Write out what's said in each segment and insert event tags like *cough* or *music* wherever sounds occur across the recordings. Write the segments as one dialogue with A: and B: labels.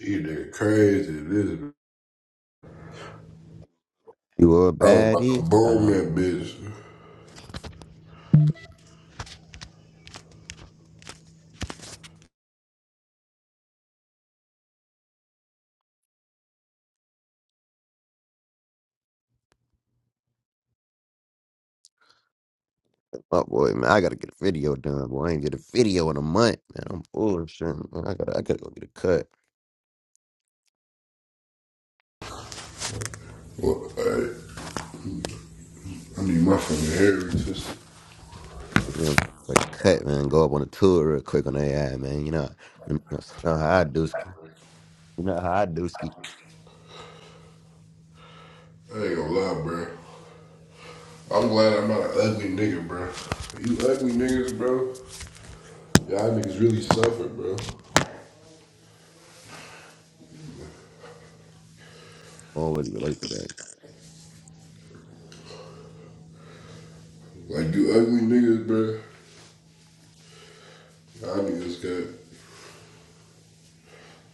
A: He did crazy. This
B: You a
A: I was about to
B: baddie? I know
A: boom
B: I'm
A: that
B: doing.
A: bitch.
B: Oh boy, man, I gotta get a video done. Boy, I ain't get a video in a month, man. I'm bullshit. Man. I gotta, I gotta go get a cut.
A: Well, hey, I need my fucking heritage.
B: You know, fucking cut, man. Go up on a tour real quick on AI, man. You know, you know, how I do ski. You know how I do ski.
A: I ain't gonna lie, bro. I'm glad I'm not an ugly nigga, bro. You ugly niggas, bro. Y'all niggas really suffer, bro.
B: Always relate to that.
A: Like you ugly niggas, bro. Y'all niggas got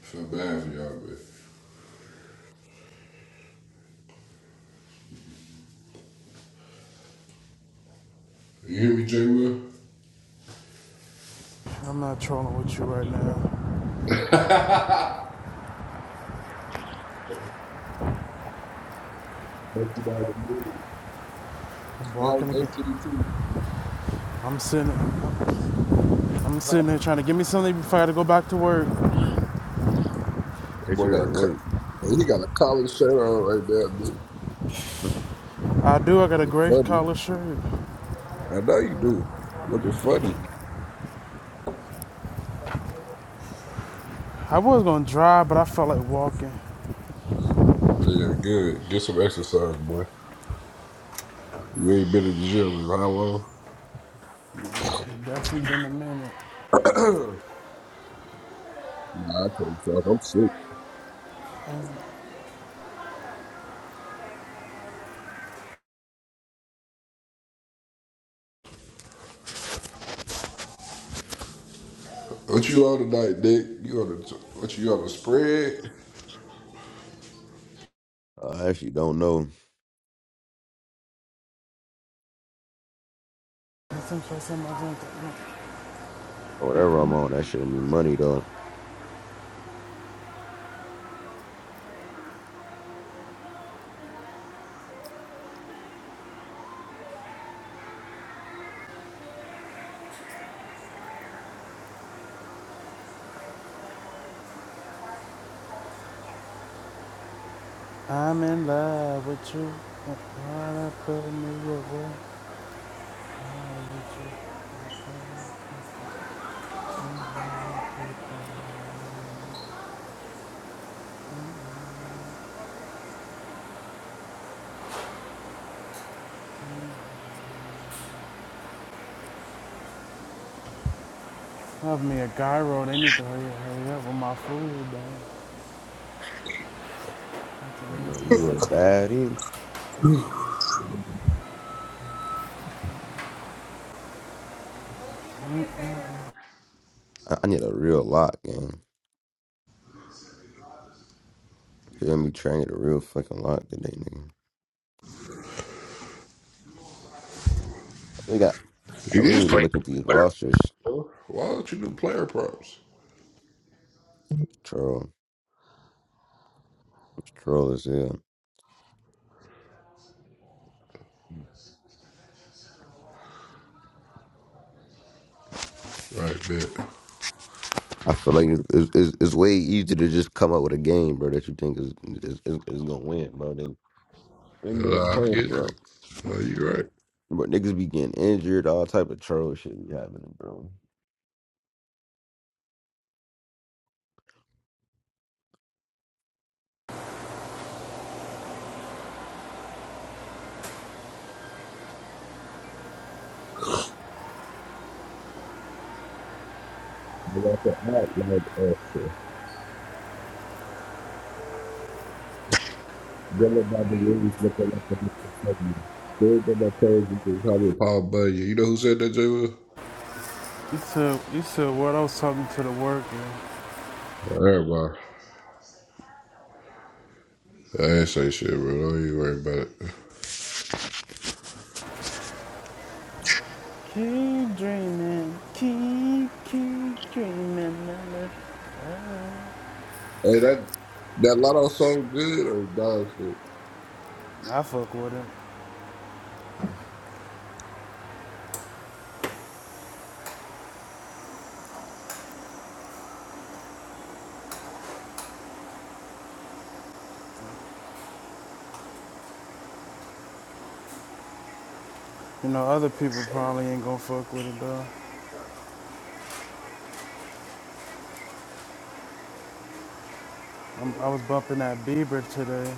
A: feel bad for y'all, bro. You hear me, J. Will?
C: I'm not trolling with you right now.
A: Break it down the moves.
C: I'm
A: That was
C: walking again.
A: AT&T.
C: I'm sitting. I'm
A: Huh?
C: sitting there trying to give me something before I got to go back to work.
A: That
B: That
A: boy
B: you
A: got a
B: at
A: cut.
B: work.
A: He got a college shirt on right there, dude.
B: *laughs*
C: I do. I got a
A: Looking
C: gray
A: funny.
C: collar shirt.
A: I know you do. Looking funny.
C: I was gonna drive, but I felt like walking.
A: Yeah, good. Get some exercise, boy. You ain't been in the gym in how long?
C: It's definitely been a minute.
A: Nah, I can't talk. I'm sick. What you on tonight, Nick? You on the what you on a spread?
B: I actually don't know. Whatever I'm on, that shit will be money though.
C: I'm in love with you. Right Love me a gyro. They need to hurry, up, hurry up with my food, man.
B: You, know, you a baddie? I, I need a real lock, man. Feel me? Trying to get a real fucking lock today, nigga.
A: It
B: We
A: is
B: need to
A: player.
B: look at these rosters.
A: Why don't you do player props?
B: Troll, troll is yeah.
A: Right, man.
B: I feel like it's, it's, it's it's way easier to just come up with a game, bro, that you think is is, is, is gonna win, bro. Then they know the
A: Nah, I
B: point,
A: get it.
B: bro.
A: Oh, you right.
B: But niggas be getting injured, all type of troll shit be happening, bro.
A: I got the outline answer. Going by the rings looking like a Mr. Sunday. Still got my toes in the Tommy Paul Bunyan. You know who said that, J. Will?
C: You said, you said what I was talking to the worker.
A: Everybody. I ain't say shit, bro. Don't you worry about it.
C: Keep dreaming, keep, keep dreaming. man.
A: Hey, that that Lotto song good or dog shit?
C: I fuck with it. You know, other people probably ain't gonna fuck with it though. I'm, I was bumping that Bieber today.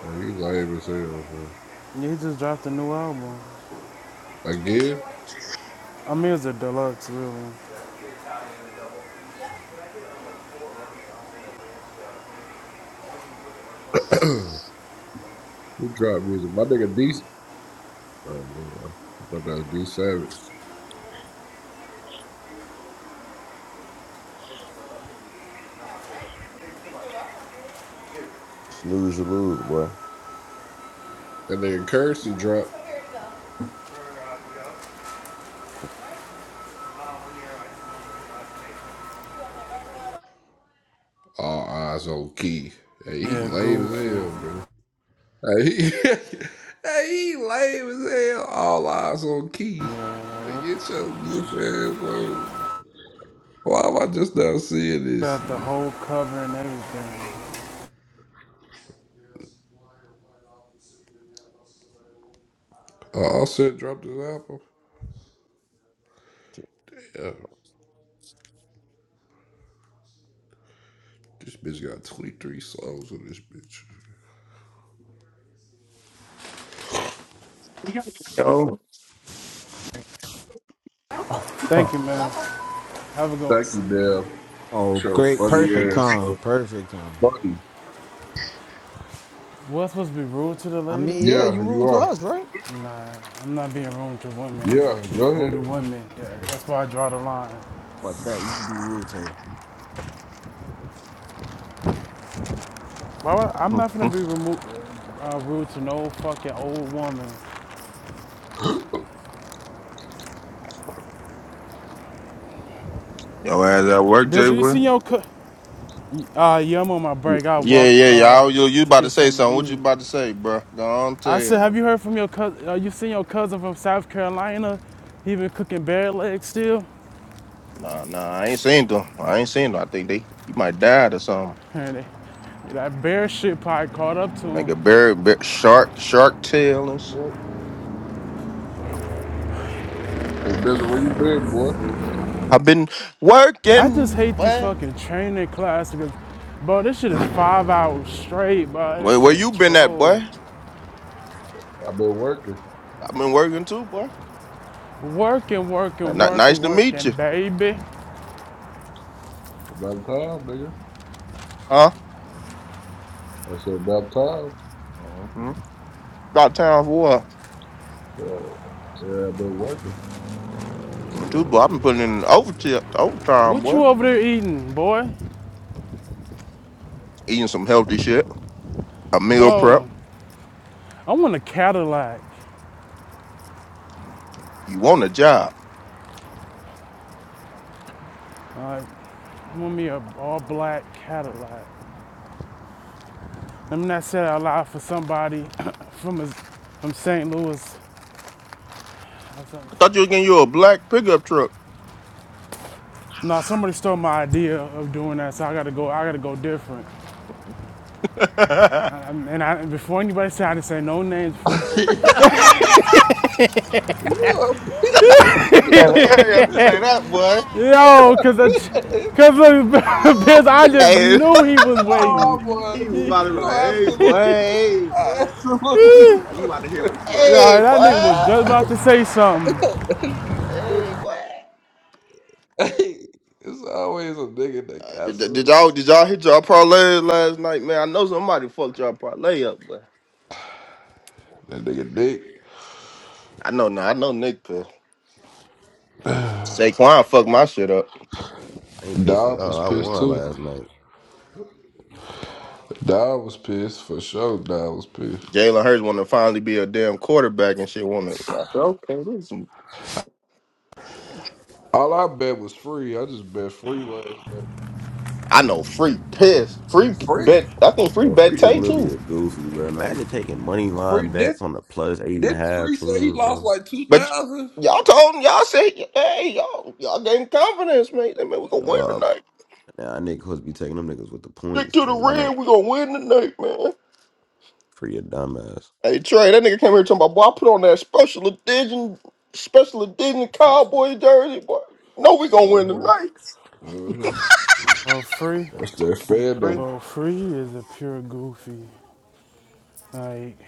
A: Hey, you lame as hell, man.
C: He just dropped a new album.
A: Again,
C: I mean, it's a deluxe, really.
A: who dropped music? My nigga D. Oh, man. I thought that was D Savage.
B: Snooze, you lose, boy.
A: That nigga Currency dropped all eyes on Key. Hey, he
C: Yeah,
A: lame as
C: Goofy.
A: hell, bro. Hey, he, *laughs* hey, he lame as hell. All eyes on Key. Hey, Get your goofy ass on. Why am I just now seeing this?
C: Got the whole cover and everything.
A: Uh, Offset dropped his album.
B: Shit,
A: Yeah. This bitch got 23 songs on this bitch.
C: Thank you, man. Have a good one.
A: Thank you, Bell.
D: Oh,
A: Show
D: great.
A: funny
D: Perfect
A: ass.
D: time.
A: So
D: Perfect time.
A: funny.
C: Was I supposed to be rude to the
D: I
C: lady?
D: mean, yeah, you
A: Yeah, you
D: rude to
A: are.
D: us, right?
C: Nah, I'm not being rude to women.
A: Yeah, go ahead.
C: Older women. Yeah, that's why I draw the line.
D: But bet you can be rude to him.
C: Why would, I'm not gonna
E: Mm-hmm.
C: be remo- uh, rude to no fucking old woman.
E: Yo, ass at work, Jay.
C: Bizzle, you
E: Will?
C: seen your co- uh, yeah, I'm on my break. I
E: Yeah,
C: walked
E: yeah,
C: uh,
E: y'all. You you
C: to
E: about to
C: get
E: say
C: something
E: something? What
C: to
E: you
C: eat.
E: about to say, bro? Go on,
C: I
E: tell you,
C: said, have
E: bro.
C: you heard from your cousin? Uh, you seen your cousin from South Carolina? He been cooking bear legs still.
E: Nah, nah. I ain't seen them. I ain't seen them. I think they he might died or something.
C: And *laughs* that bear shit probably caught up to
E: Like
C: him.
E: a bird, bear, shark, shark tail and shit.
A: Hey, nigga, where you been, boy?
E: I've been
C: I just
E: working,
C: hate these
E: boy.
C: fucking training classes, because, bro, this shit is five hours straight, bro.
E: Where
C: This
E: where you
C: shit
E: been at,
C: troll.
E: boy?
A: I've been working.
E: I've been working too, boy.
C: Working, working,
E: Not, nice
C: working,
E: to meet
C: working,
E: you,
C: baby.
A: About time, nigga.
E: huh?
A: I said about time.
E: Mm-hmm. About time for what?
A: Uh, yeah, I've been working.
E: Mm, Too, boy. I've been putting in overtime, overtime,
C: What
E: boy.
C: you over there eating, boy?
E: Eating some healthy shit. A meal prep.
C: Bo, I want a Cadillac.
E: You want a job?
C: All right, I want me a all black Cadillac. Let me not say that out loud for somebody *coughs* from a, from St. Louis or something.
E: I thought you were getting you a black pickup truck.
C: No, somebody stole my idea of doing that, so I gotta go. I gotta go different.
E: *laughs* yeah,
C: I- and I, before anybody said, I didn't say no names before.
E: man, you have to say that, boy.
C: *laughs* Yo, cause I, cause *laughs* because I
A: *laughs*
C: just
E: Hey,
C: knew he was
A: Oh,
C: waiting.
E: *laughs*
A: boy.
E: he was about to be like,
A: Oh,
E: hey, boy,
A: absolutely.
E: hey,
A: I
E: boy.
C: *laughs*
A: absolutely *laughs* was
C: yeah,
E: Now You
A: about
E: about
A: to
E: to hear him? Hey,
C: that nigga was
E: boy,
C: just
A: say
C: about to say something.
E: hey, boy.
A: something. *laughs* Hey, it's always a nigga that
E: Uh,
A: got
E: did, did did
A: something.
E: y'all did y'all hit y'all parlay last night, man? I know somebody fucked y'all parlay up, but
A: That nigga Nick.
E: I know now. I know Nick could. Saquon fucked my shit up.
B: man, I ain't pissed at
A: Dom
B: all.
A: was
B: I
A: pissed
B: won
A: too.
B: last night.
A: Dog was pissed for sure. Dog was pissed.
E: Jalen Hurts want to finally be a damn quarterback and shit. Want to? Okay, this.
A: All I bet was free. I just bet free last night.
E: I know free piss, free
A: Free?
E: bet. I think free
B: Bro,
E: bet
B: free is
E: Tay
B: literally
E: too.
B: a goofy, bro.
A: Right
B: Imagine
A: there.
B: taking money line
A: Free did
B: bets on the plus eight and a
A: did
B: half
A: free say he
B: team,
A: lost
B: bro.
A: like two
E: But
A: thousand?
E: y'all told him, y'all said, hey, y'all, y'all gave him confidence, man. Hey, man, we gonna win
B: Uh,
E: tonight.
B: now I niggas supposed to be taking them niggas with the
E: Stick
B: points,
E: to the
B: boy. Not a
E: red, we gonna win tonight, man.
B: free a dumbass.
E: Hey Trey, that nigga came here talking about, boy, I put on that special edition, special edition cowboy jersey, boy. No, we gonna
A: Uh
E: win
A: huh.
E: tonight.
A: Uh huh.
C: Oh, free.
A: That's that That's fan though. free.
C: Bro, Free is a pure goofy. Like,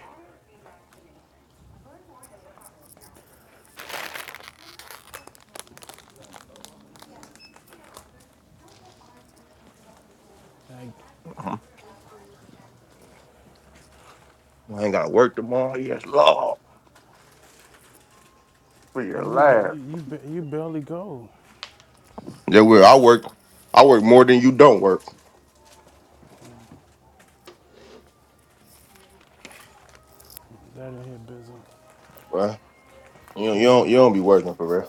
C: like
E: Uh-huh. I ain't gotta work tomorrow. Yes, Lord, for
C: I
E: your
C: mean,
E: life.
C: you you, you barely go.
E: Yeah, well, I work. I work more than you don't work,
C: That in here, Bizzle.
E: bruh.
C: I
E: You, don't, you
C: said that
E: don't. You don't be working for real.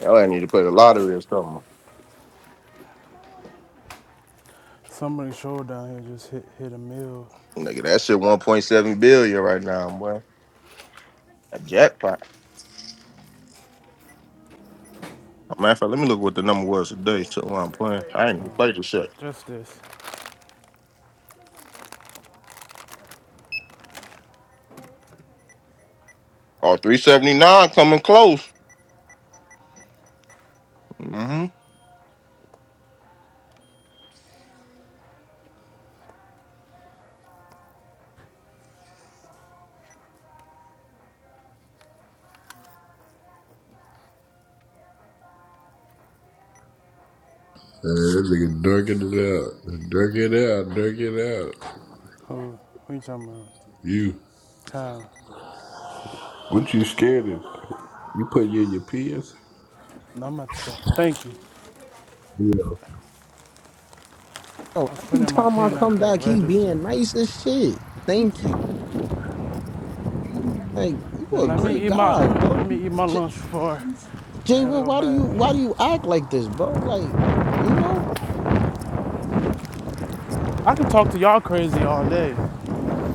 E: Y'all ain't need to play the lottery or something.
C: somebody's shoulder down here just hit hit a mill.
E: Nigga, that shit 1.7 billion right now, boy. A jackpot. Matter of fact, let me look what the number was today. So I'm playing. I ain't even played this shit.
C: Just this.
E: Oh, three seventy nine, coming close. Mm-hmm.
A: nigga dunking it out, dunking it out, dunking it out.
C: Who? Who you talking about?
A: You,
C: How?
A: what you scared of? You put you in your pants?
C: No, I'm about to stop. Thank you.
A: Yeah,
D: Oh,
C: I was
D: every
C: putting my
D: time I
C: pen at
D: come
C: the
D: back, he
C: register.
D: being nice as shit. Thank you. Like, you
C: Now
D: a
C: let me
D: great
C: eat my let
D: guy,
C: me,
D: bro.
C: let me eat my
D: J-
C: lunch before
D: Jay,
C: I gotta
D: well,
C: go
D: why do
C: back.
D: you why do you act like this, bro? Like, you know?
C: I can talk to y'all crazy all day.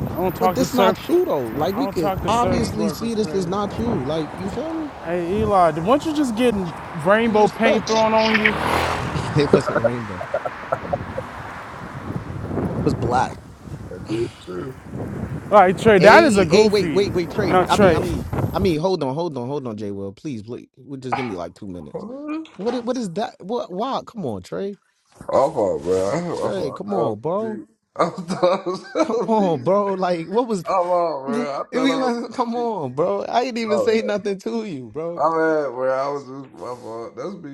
C: I don't
D: But
C: talk to
D: this not
C: serp.
D: true though. Like
C: I
D: we
C: don't
D: could
C: talk to service
D: obviously
C: workers
D: see this is not
C: crazy.
D: true. Like, you feel me?
C: Hey Eli, weren't you just getting
D: You
C: rainbow
D: respect.
C: paint thrown on you?
D: *laughs* it wasn't rainbow. It was black.
A: it's
D: *sighs*
A: true.
C: All right, Trey, that is a
D: Hey, hey, wait,
C: goofy.
D: wait, wait, Trey.
C: Now
D: I mean,
C: Trey,
D: I mean, I mean, hold on, hold on, hold on, J. Will, please, please, well, just give me like two minutes.
A: Huh?
D: What, i- what is that? What? Wow, come on, Trey,
A: I'm fine, bro. i
D: Trey,
A: I thought
D: come
A: I was
D: on,
A: a
D: bro,
A: beat. I thought I was *laughs* a
D: come
A: beat.
D: on, bro. Like, what was?
A: I'm on,
D: *laughs*
A: bro. I thought
D: If
A: I
D: we
A: was a
D: wasn't, come
A: beat.
D: on, bro. I ain't even
A: All right.
D: say nothing to you, bro.
A: I'm at where I was just, my fault. That's me.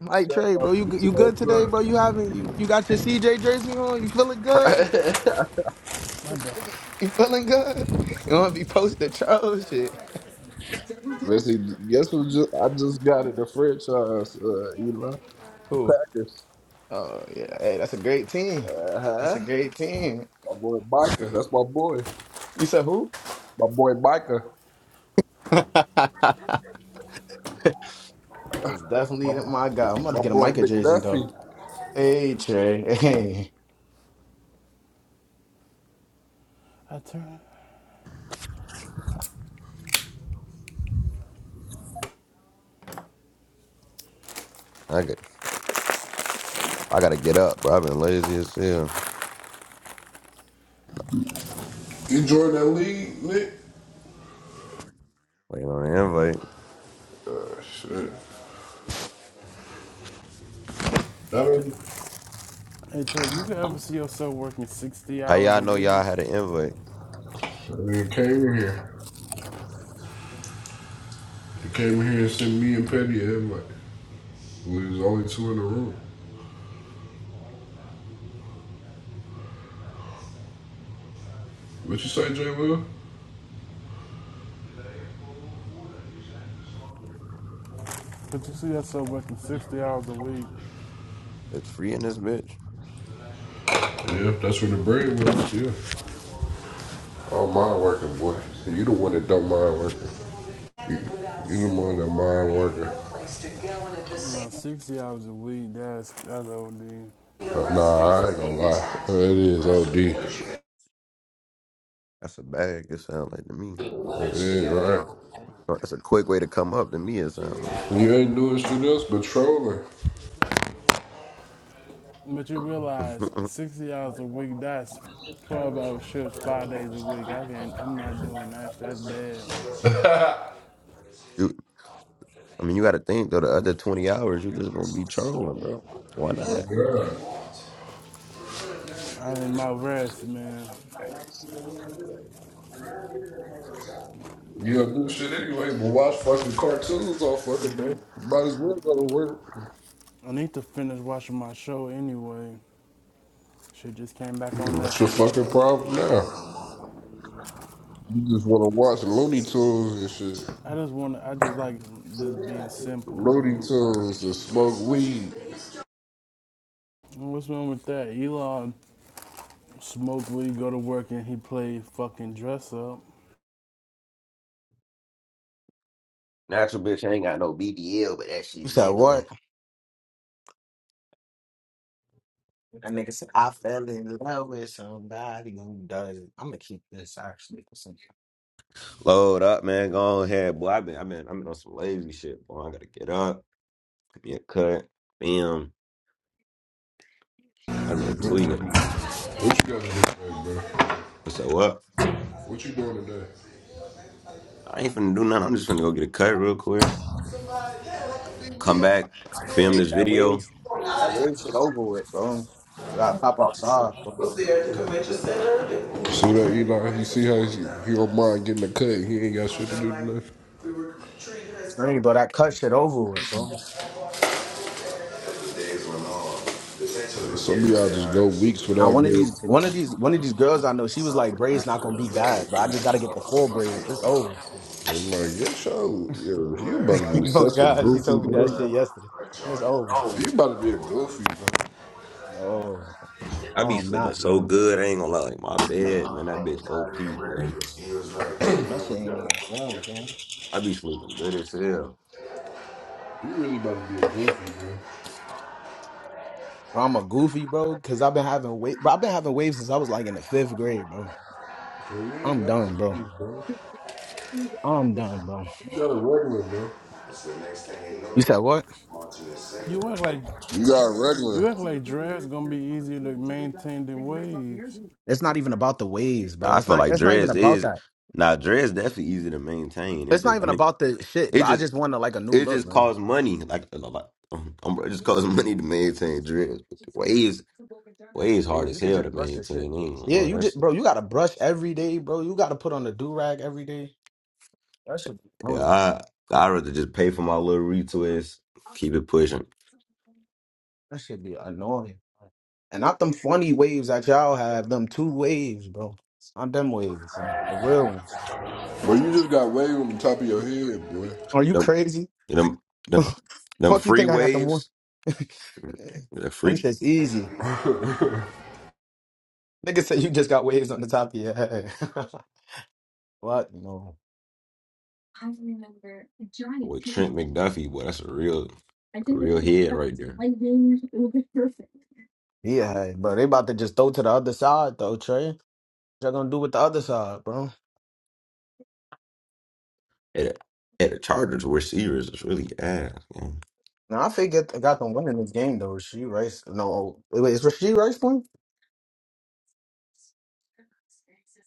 D: Like
A: Shut
D: Trey,
A: my
D: bro, you g- you good today, bro? You having you you got your CJ jersey on? You feeling
A: bitch
D: good?
A: ass up.
C: my bad.
D: You feeling good? You want to be posting troll shit.
A: *laughs* Listen, guess who just, I just got in the franchise, uh, Elon? The Packers.
D: Oh yeah, hey, that's a great team. That's
A: Uh-huh.
D: a great team.
A: My boy Micah. That's my boy.
D: You said who?
A: My boy Micah.
D: *laughs* That's definitely
A: My,
D: not my guy. I'm about to
A: my
D: get a
A: boy
D: Micah jersey though.
A: McDuffie.
D: Hey Trey, *laughs* hey.
C: I turn.
B: I got, I gotta get up, bro. I've been lazy as hell.
A: You joined that league, Nick?
B: Waiting on an invite.
A: Shit. That ain't,
C: Hey Trey, you could ever see yourself working 60
B: How
C: hours
B: y'all
C: a
B: know
C: week?
B: y'all had an invite?
A: I mean, came in here. He came here and sent me and Petty an invite. We was only two in the room. What you say, J. Will?
C: Could you see yourself working 60 hours a week?
B: It's free in this bitch.
A: Yeah, that's where the bread was. Yeah. Oh, mind working, boy. You the one that don't mind working. You, you the one that mind working.
C: No, 60 hours a week, that's, that's OD.
A: Uh, Nah, I ain't gonna lie. It is OD. It
B: That's a bag. It sound like to me.
A: is, right?
B: Oh, That's a quick way to come up to me. It sound
A: You ain't doing shit else but trolling.
C: But you
B: like.
C: realize
B: *laughs*
C: 60 hours a week, that's 12 hour shifts, five days a week. I can't, I'm not doing that. That's dead.
B: you, I mean, you gotta think though. The other twenty hours, you just gonna be trolling, bro. Why
A: Oh,
B: not?
A: My God.
C: I need my rest, man.
A: You don't do shit anyway, but watch fucking cartoons all fucking day. Might as well go to work.
C: I need to finish watching my show anyway. Shit just came back on
A: What's your
C: Netflix.
A: fucking problem now? You just want to watch Looney Tunes and shit.
C: I just want to, I just like just being simple,
A: Looney
C: man.
A: Tunes and smoke weed.
C: What's wrong with that? Elon smoked weed, go to work, and he played fucking dress up.
B: Natural bitch ain't got no BBL, but that
D: You
B: shit
D: said what?
B: jiggling.
D: That nigga said I fell in love with somebody who does. it." I'm gonna keep this actually for some.
B: Load up, man. Go on ahead, boy. I've been, I've been, I've been on some lazy shit, boy. I gotta get up, give me a cut, bam. I've been tweaking.
A: What you got to do today, bro?
B: So what?
A: What you doing today?
B: I ain't finna do nothing. I'm just finna go get a cut real quick. Come back, film
D: Hey,
B: this
D: that
B: video.
D: waves, that wave shit over with, bro. We gotta pop outside, bro.
A: was there at the convention center See that Eli? You see how he, he don't mind getting a cut? He ain't got shit to do today. we were treated as
D: Strange,
A: crew.
D: bro. That cut shit over with, bro.
A: Some of y'all just go weeks
D: Now
A: without
D: one of
A: getting.
D: these, one of these, one of these girls I know, she was like, "Braids not gonna be bad, but I just gotta get the full braids. It's over."
A: I'm like, yeah, sure. Yeah, you about to be
D: *laughs* oh
A: such a
D: God, she
A: goofy,
D: told me that shit
A: bro.
D: yesterday. That's over.
A: You about to be a goofy, bro.
D: No,
B: I
D: no,
B: be
D: I'm
B: sleeping
D: not,
B: so
D: bro.
B: good. I ain't gonna lie. Like my bed, man, that bitch OP, boy.
D: That shit ain't even long, damn.
B: I be sleeping good as hell.
A: You really about to be a goofy, bro.
D: Bro, I'm a goofy, bro, because I've been having waves. Bro, I've been having waves since I was like in the fifth grade, bro.
A: So you ain't
D: I'm
A: got to
D: done, bro.
A: do, bro.
D: I'm done, bro.
A: You got a regular, bro. So the next thing you
D: You
A: know,
D: said what?
A: Martin is singing.
C: You act like
A: You got a regular,
C: you act like dress gonna be easier to maintain than waves.
D: It's not even about the waves,
B: Now,
D: bro.
B: I
D: It's
B: feel
D: not.
B: like
D: It's not even
B: dreads
D: about
B: is
D: that.
B: now dreads definitely easy to maintain. It
D: It's not
B: just, I
D: even
B: mean,
D: about the shit.
B: it
D: But I
B: just,
D: just wanted like a new
B: it
D: look,
B: just
D: man.
B: costs money. Like, a lot- *laughs* um, um, it just costs *laughs* money to maintain dreads. But the waves, waves hard
D: Waves,
B: as
D: you could
B: hell to
D: just brush your shit.
B: maintain. I ain't gonna
D: Yeah,
B: lie.
D: you just,
B: That's
D: bro. You gotta brush every day, bro. You gotta put on the do rag every day. That shit. be
B: yeah.
D: annoying.
B: I I rather just pay for my little retwist. Keep it pushing.
D: That should be annoying. And not them funny waves that y'all have, them two waves, bro. Not them waves, so the real ones.
A: but you just got wave on the top of your head, boy.
D: Are you
B: Yup.
D: crazy?
B: And them,
D: *laughs*
B: them,
D: Fuck
B: them
D: you
B: free
D: think I got them one?
B: waves, the
D: *laughs* I'm
B: free
D: just easy. Nigga said you just got waves on the top of your head. *laughs* what? No.
B: with Trent McDuffie, boy, that's a real, a real head right there.
D: Yeah, bro. They about to just throw to the other side though, Trey. What y'all gonna do with the other side, bro?
B: At a, at the Chargers receivers, it's really ass. man.
D: Now I forget I got them winning this game though. She Rice. No, wait, wait, is she Rice playing?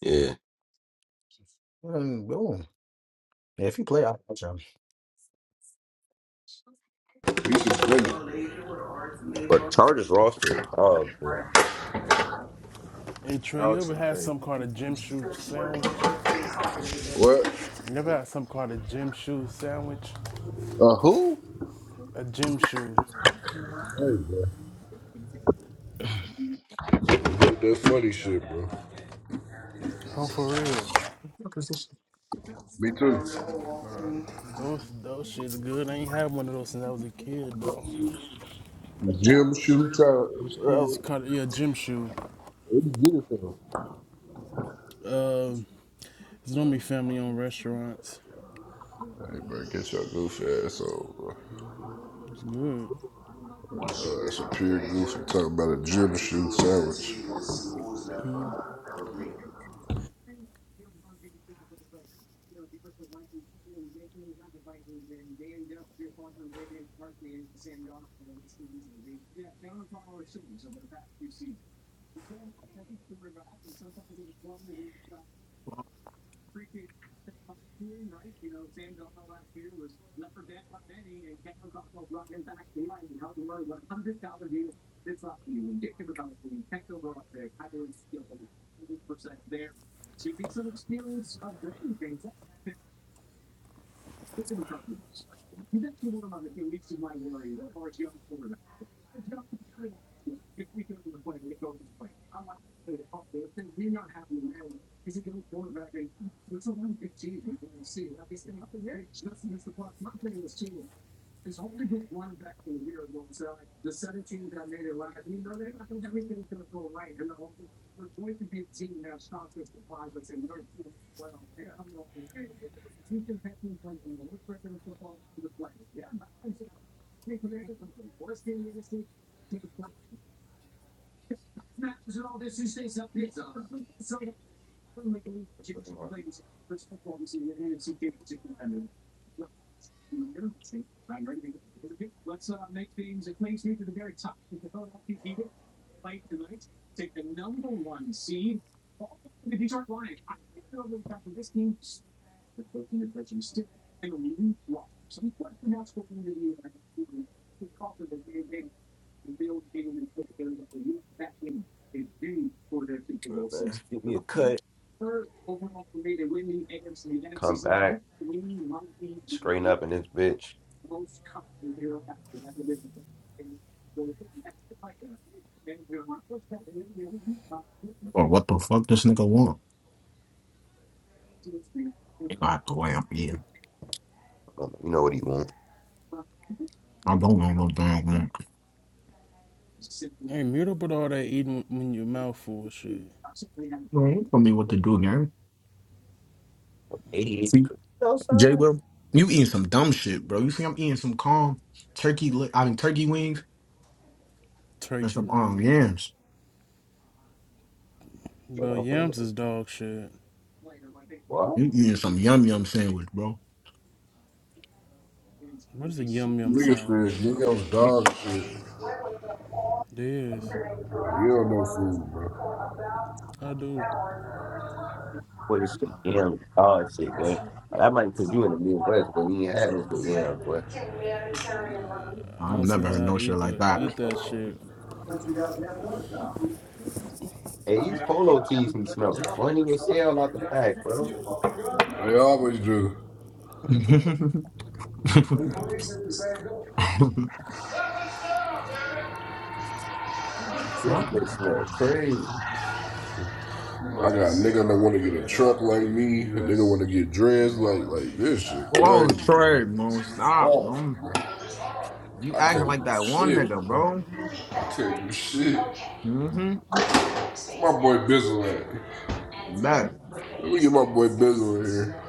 B: Yeah,
D: Mm, boom. Yeah, if you play, I'll watch 'em.
A: He suspended.
B: but Chargers roster is dog. man.
C: Hey Trey, you ever had some kind of gym shoe sandwich?
A: What?
C: You never had some kind of gym shoe sandwich?
A: Uh, who?
C: A gym shoe?
A: Hey, bro. Get that funny shit, bro.
C: Oh, for real?
A: Me too.
C: bro. those those shit's good. I ain't had one of those since I was a kid though.
A: The gym shoe towel.
C: He's
A: Where
C: kind of yeah, gym shoes.
A: you get it from?
C: Um, it's normally family owned restaurants.
A: Hey, bro, get your goofy ass on, bro.
C: It's good.
A: Uh, that's a pure goofy talking about a gym shoe sandwich.
B: Man, Give me a cut, come back, straighten up in this bitch.
D: Or what the fuck this nigga want? Nigga I have to lamp, yeah.
B: Um, You know what he wants?
D: I don't want no damn lamp.
C: Hey, meet up with all that eating when your mouth full of shit.
D: Bro, you tell me what to do, gang.
B: Eighty-eight
D: Jay,
B: outside.
D: bro, you eating some dumb shit, bro. You see, I'm eating some calm turkey, li- I mean, turkey wings and
C: Turkey
D: some um
C: rings.
D: yams.
B: Hold
C: But
B: on, I'm finna
C: yams
B: go.
C: is dog shit.
B: What?
D: You eating some yum yum sandwich, bro.
C: What is a yum yum
A: Niggas said,
C: sandwich?
A: nigga, I was
D: What
A: dog shit.
C: It is.
A: You don't know food, bro.
C: I do.
B: Boy, this damn dog shit, boy. That might because you in the Midwest, but you ain't had those good yams, boy.
D: the-
C: I
D: I've
C: don't see
D: never
C: how
D: heard
C: y'all
D: no shit
C: eat
D: like
C: the
D: that.
C: eat that shit.
B: Hey, these polo tees be smelling funny as hell out the pack, bro.
A: They always do.
D: *laughs*
B: This
D: well,
B: bitch smell crazy.
A: I got a nigga that want to get a truck like me. A nigga want to get dressed like like this shit
D: whoa,
A: crazy,
D: Trey, man, stop,
A: bro. Fuck,
D: bro.
A: bro.
D: You
A: I
D: acting like
A: can't
D: that
A: do
D: one
A: shit,
D: nigga,
A: bro.
D: bro.
A: I can't do shit.
D: Mm-hmm.
A: My boy Bizzle at?
D: Bet.
A: Let me get my boy Bizzle in here.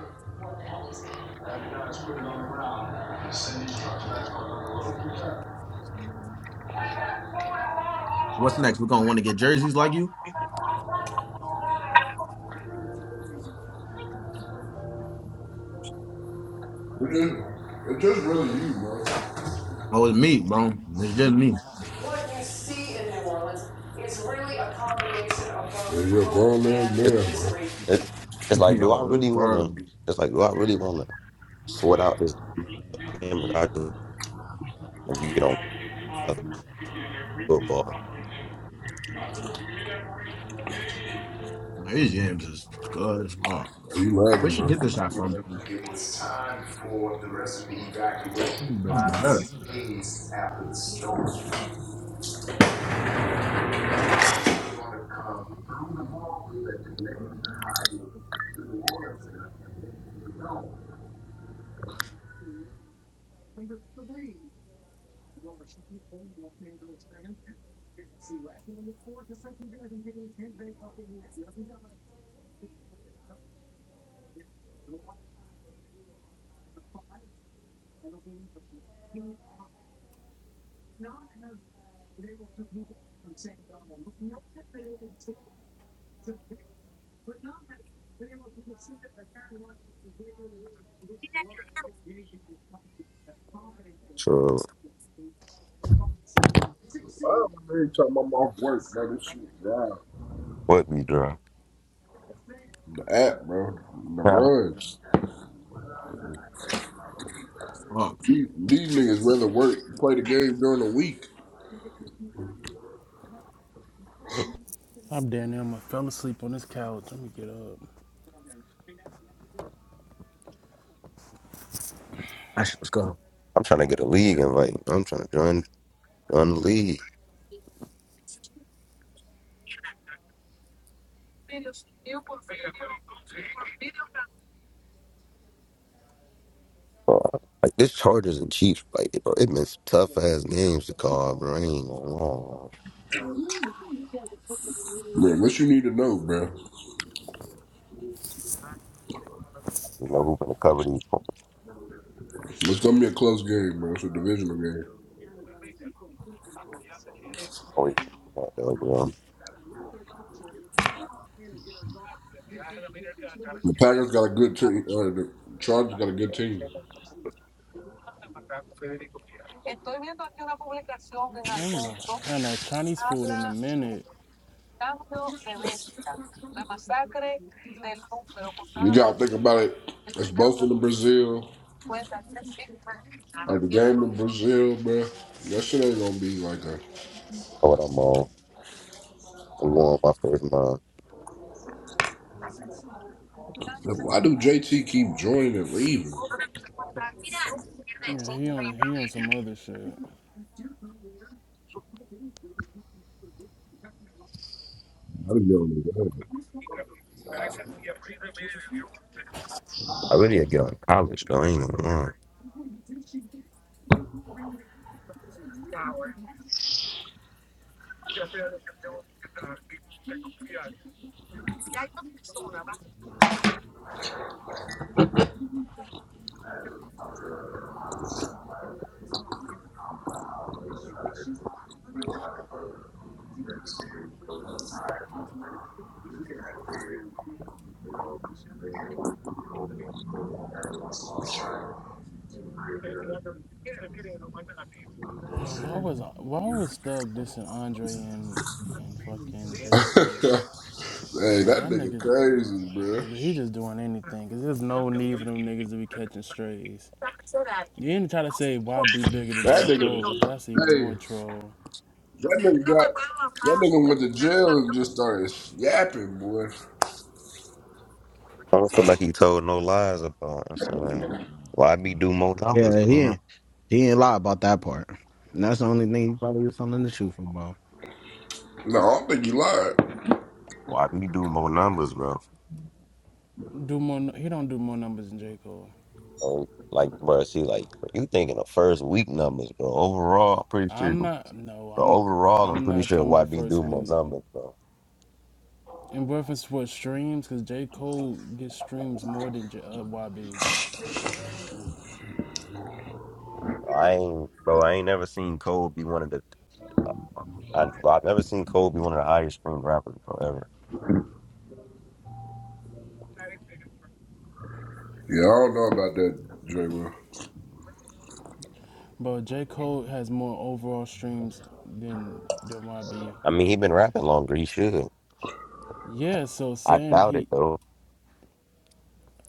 D: What's next? We're gonna want to get jerseys like you?
A: It's just, it's just really you, bro.
D: Oh, it's me, bro. It's just me.
A: It's your grown ass
B: It's,
A: man, bro.
B: it,
D: *laughs*
B: it's like, do I
D: Yo, it's
B: really wanna?
D: crazy.
B: It's like, do I really wanna sweat out this game and I just wanna get on football?
D: These jams is good as fuck.
A: Are you
D: Where
A: lagging,
D: she
A: man?
D: get this shot from?
A: It was time for the recipe evacuation.
D: This is
A: Five
D: hell.
A: days after the storm, they're gonna come through the hallway that connected the highway to the water center.
B: True.
A: Oh, every time I'm off work, bro, this shit drive.
B: What we draw?
A: The app, bro. The
B: Now,
A: runs.
D: Fuck.
A: These, these niggas rather work, play the game during the week.
C: I'm down there. I fell asleep on this couch. Let me get up.
D: That shit was good.
B: I'm trying to get a league invite. I'm trying to join join the league. Bro, Like this Chargers and Chiefs, like bro, it been some tough ass games to call, bro. I ain't gonna lie.
A: Man, what you need to know, bro.
B: You know who's gonna cover these?
A: It's gonna be a close game, bro. It's a divisional game.
B: Always, that though, bro. Know
A: The Packers got a good team. Uh, the Chargers got a good team.
C: I ain't no had no Chinese food in a minute.
A: You gotta think about it. It's both in Brazil. Like the game in Brazil, bro. That shit ain't gonna be like a.
B: what I'm on. I'm my first mile.
A: Why do JT keep joining and leaving?
C: Yeah, he on he on some other shit.
A: I do not get on
B: I really had to get out of college though. I ain't even lying.
C: You know why was why was Thug dissing Andre and and fucking J
A: his head.
C: Cole?
A: *laughs* hey,
C: Like,
A: that
C: that
A: nigga
C: nigga,
A: crazy, bro.
C: he just doing anything. Cause there's no need for them niggas to be catching strays. You ain't try to say why be bigger than
A: That
C: J Cole
A: nigga.
C: is. That's even
A: Hey,
C: more troll.
A: that nigga got. That nigga went to jail and just started yapping, boy.
B: I don't feel like he told no lies about Instagram. Why me do more numbers,
D: Yeah, he
B: man?
D: ain't, he ain't lie about that part. And that's the only thing he probably was telling the truth about.
A: No, I don't think he lied.
B: Why me do more numbers, bro?
C: Do more? He don't do more numbers than J Cole.
B: Oh, like, bro, see, like, you thinking the first week numbers, bro. Overall, I'm pretty sure,
C: I'm
B: but
C: not. No, I'm.
B: overall, I'm
C: I'm
B: pretty
C: not
B: sure
C: talking
B: why
C: about
B: me do
C: first
B: more
C: week.
B: numbers, bro.
C: In reference to what streams, cause J Cole gets streams more than J, uh, YB.
B: I ain't, bro, I ain't never seen Cole be one of the, I, bro, I've never seen Cole be one of the highest streamed rappers, bro, ever.
A: Yeah, I don't know about that, J. Will.
C: But J Cole has more overall streams than than YB.
B: I mean, he been rapping longer. He should.
C: Yeah. So
B: I
C: saying
B: doubt it,
C: he,
B: though.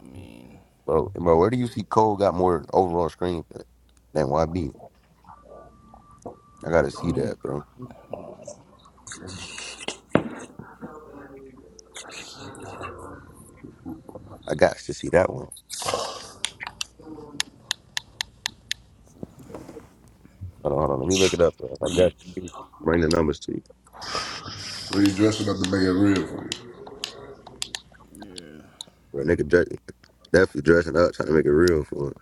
C: I mean,
B: Bro, bro, where do you see Cole got more overall screen than YB? I gotta
C: I
B: see
C: mean.
B: that, bro. I got to see that one. Hold on, hold on. Let me look it up, bro. I got to bring the numbers to you.
A: But he's dressing up to make it real
C: Yeah.
B: Bro, nigga dress, definitely dressing up, trying to make it real for it.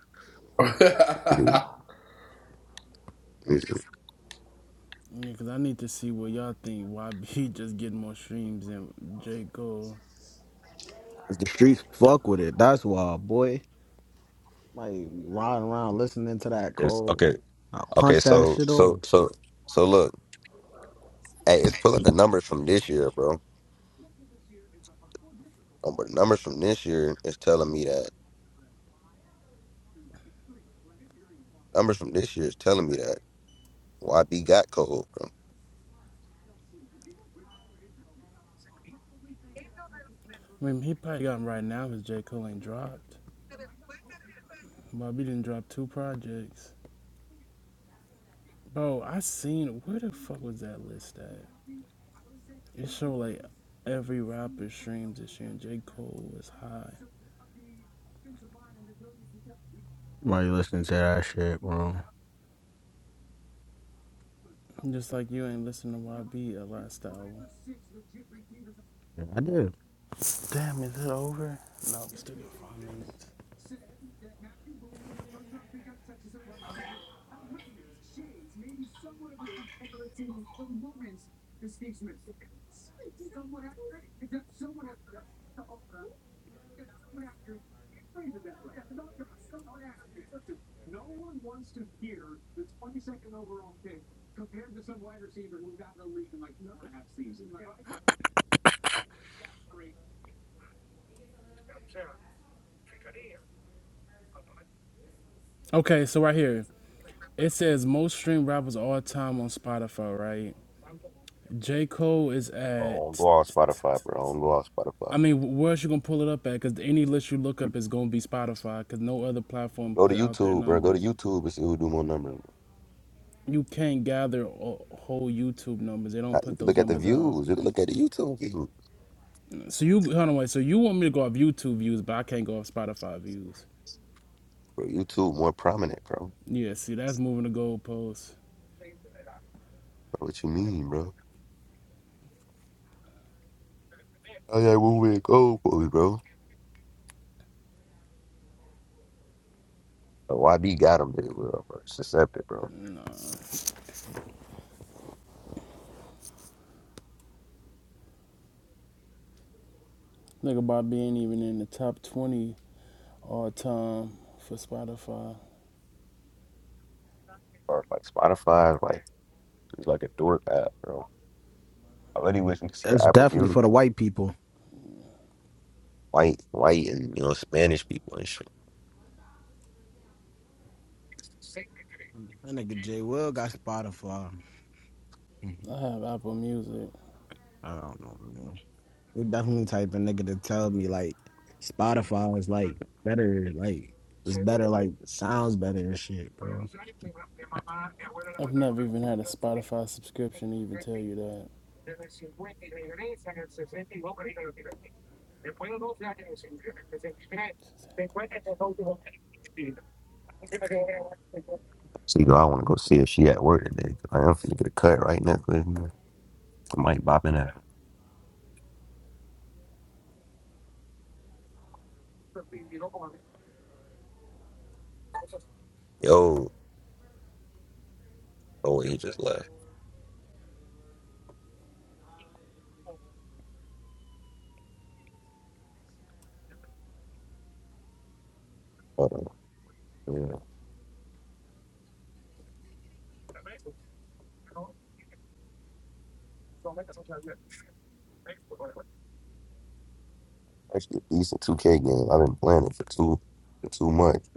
A: for you.
B: Nigga,
A: *laughs*
B: let me see.
C: Yeah, cause I need to see what y'all think. YB *laughs* just getting more streams than J Cole.
D: 'Cause The streets fuck with it. That's why, boy. Like riding around listening to that
B: It's
D: cold.
B: okay.
D: I
B: Okay,
D: punch that
B: so
D: shit
B: so
D: over.
B: so so look, hey, it's pulling the numbers from this year, bro. Um, But numbers from this year is telling me that numbers from this year is telling me that YB got Cole, bro.
C: I mean, he probably got 'em right now because J Cole ain't dropped. YB didn't drop two projects. Bro, I seen where the fuck was that list at? It showed like every rapper streams this year, and J Cole was high.
D: Why you listening to that shit, bro?
C: Just like you ain't listening to YB last album.
D: Yeah, I did.
C: Damn, is it over? No, we still got five minutes. Okay, so right here it says most streamed rappers all time on Spotify, right? J. Cole is
B: Bro, I don't go
C: at.
B: on Spotify, bro. I don't go on Spotify.
C: I mean, where's you gonna pull it up at? Because any list you look up is gonna be Spotify. Because no other platform
B: Go to
C: put out their
B: YouTube, bro. Go to
C: numbers.
B: YouTube and see who do more numbers.
C: You can't gather a- whole YouTube numbers. They
B: Uh,
C: don't
B: You
C: put
B: can
C: those
B: look at the
C: numbers out.
B: views. You can look at the YouTube views.
C: So you hold on, wait. So you want me to go off YouTube views, but I can't go off Spotify views.
B: Bro, YouTube more prominent, bro.
C: Yeah, see, that's moving the goalposts.
B: bro what you mean, bro? Oh yeah, one way go, boy, bro. But YB got him there, bro. bro. It's accepted, bro.
C: Nigga, Bobby ain't even in the top twenty all time for Spotify.
B: Or like Spotify, like it's like a dork app, bro. I really wish we could see the
D: That's
B: Apple
D: definitely
B: Music.
D: for the white people.
B: White, white, and you know Spanish people and shit.
D: That nigga J Will got Spotify.
C: I have Apple Music.
D: I don't know. Man. You definitely type of nigga to tell me like Spotify is like better, like it's better, like sounds better and shit, bro.
C: I've never even had a Spotify subscription to even tell you that.
B: See, girl, I want to go see if she at work today. 'Cause I am finna get a cut right now. 'cause I might bop in at. her. Yo, oh, he just left. Hold on. actually a decent 2K game. I've been playing it for two for two months.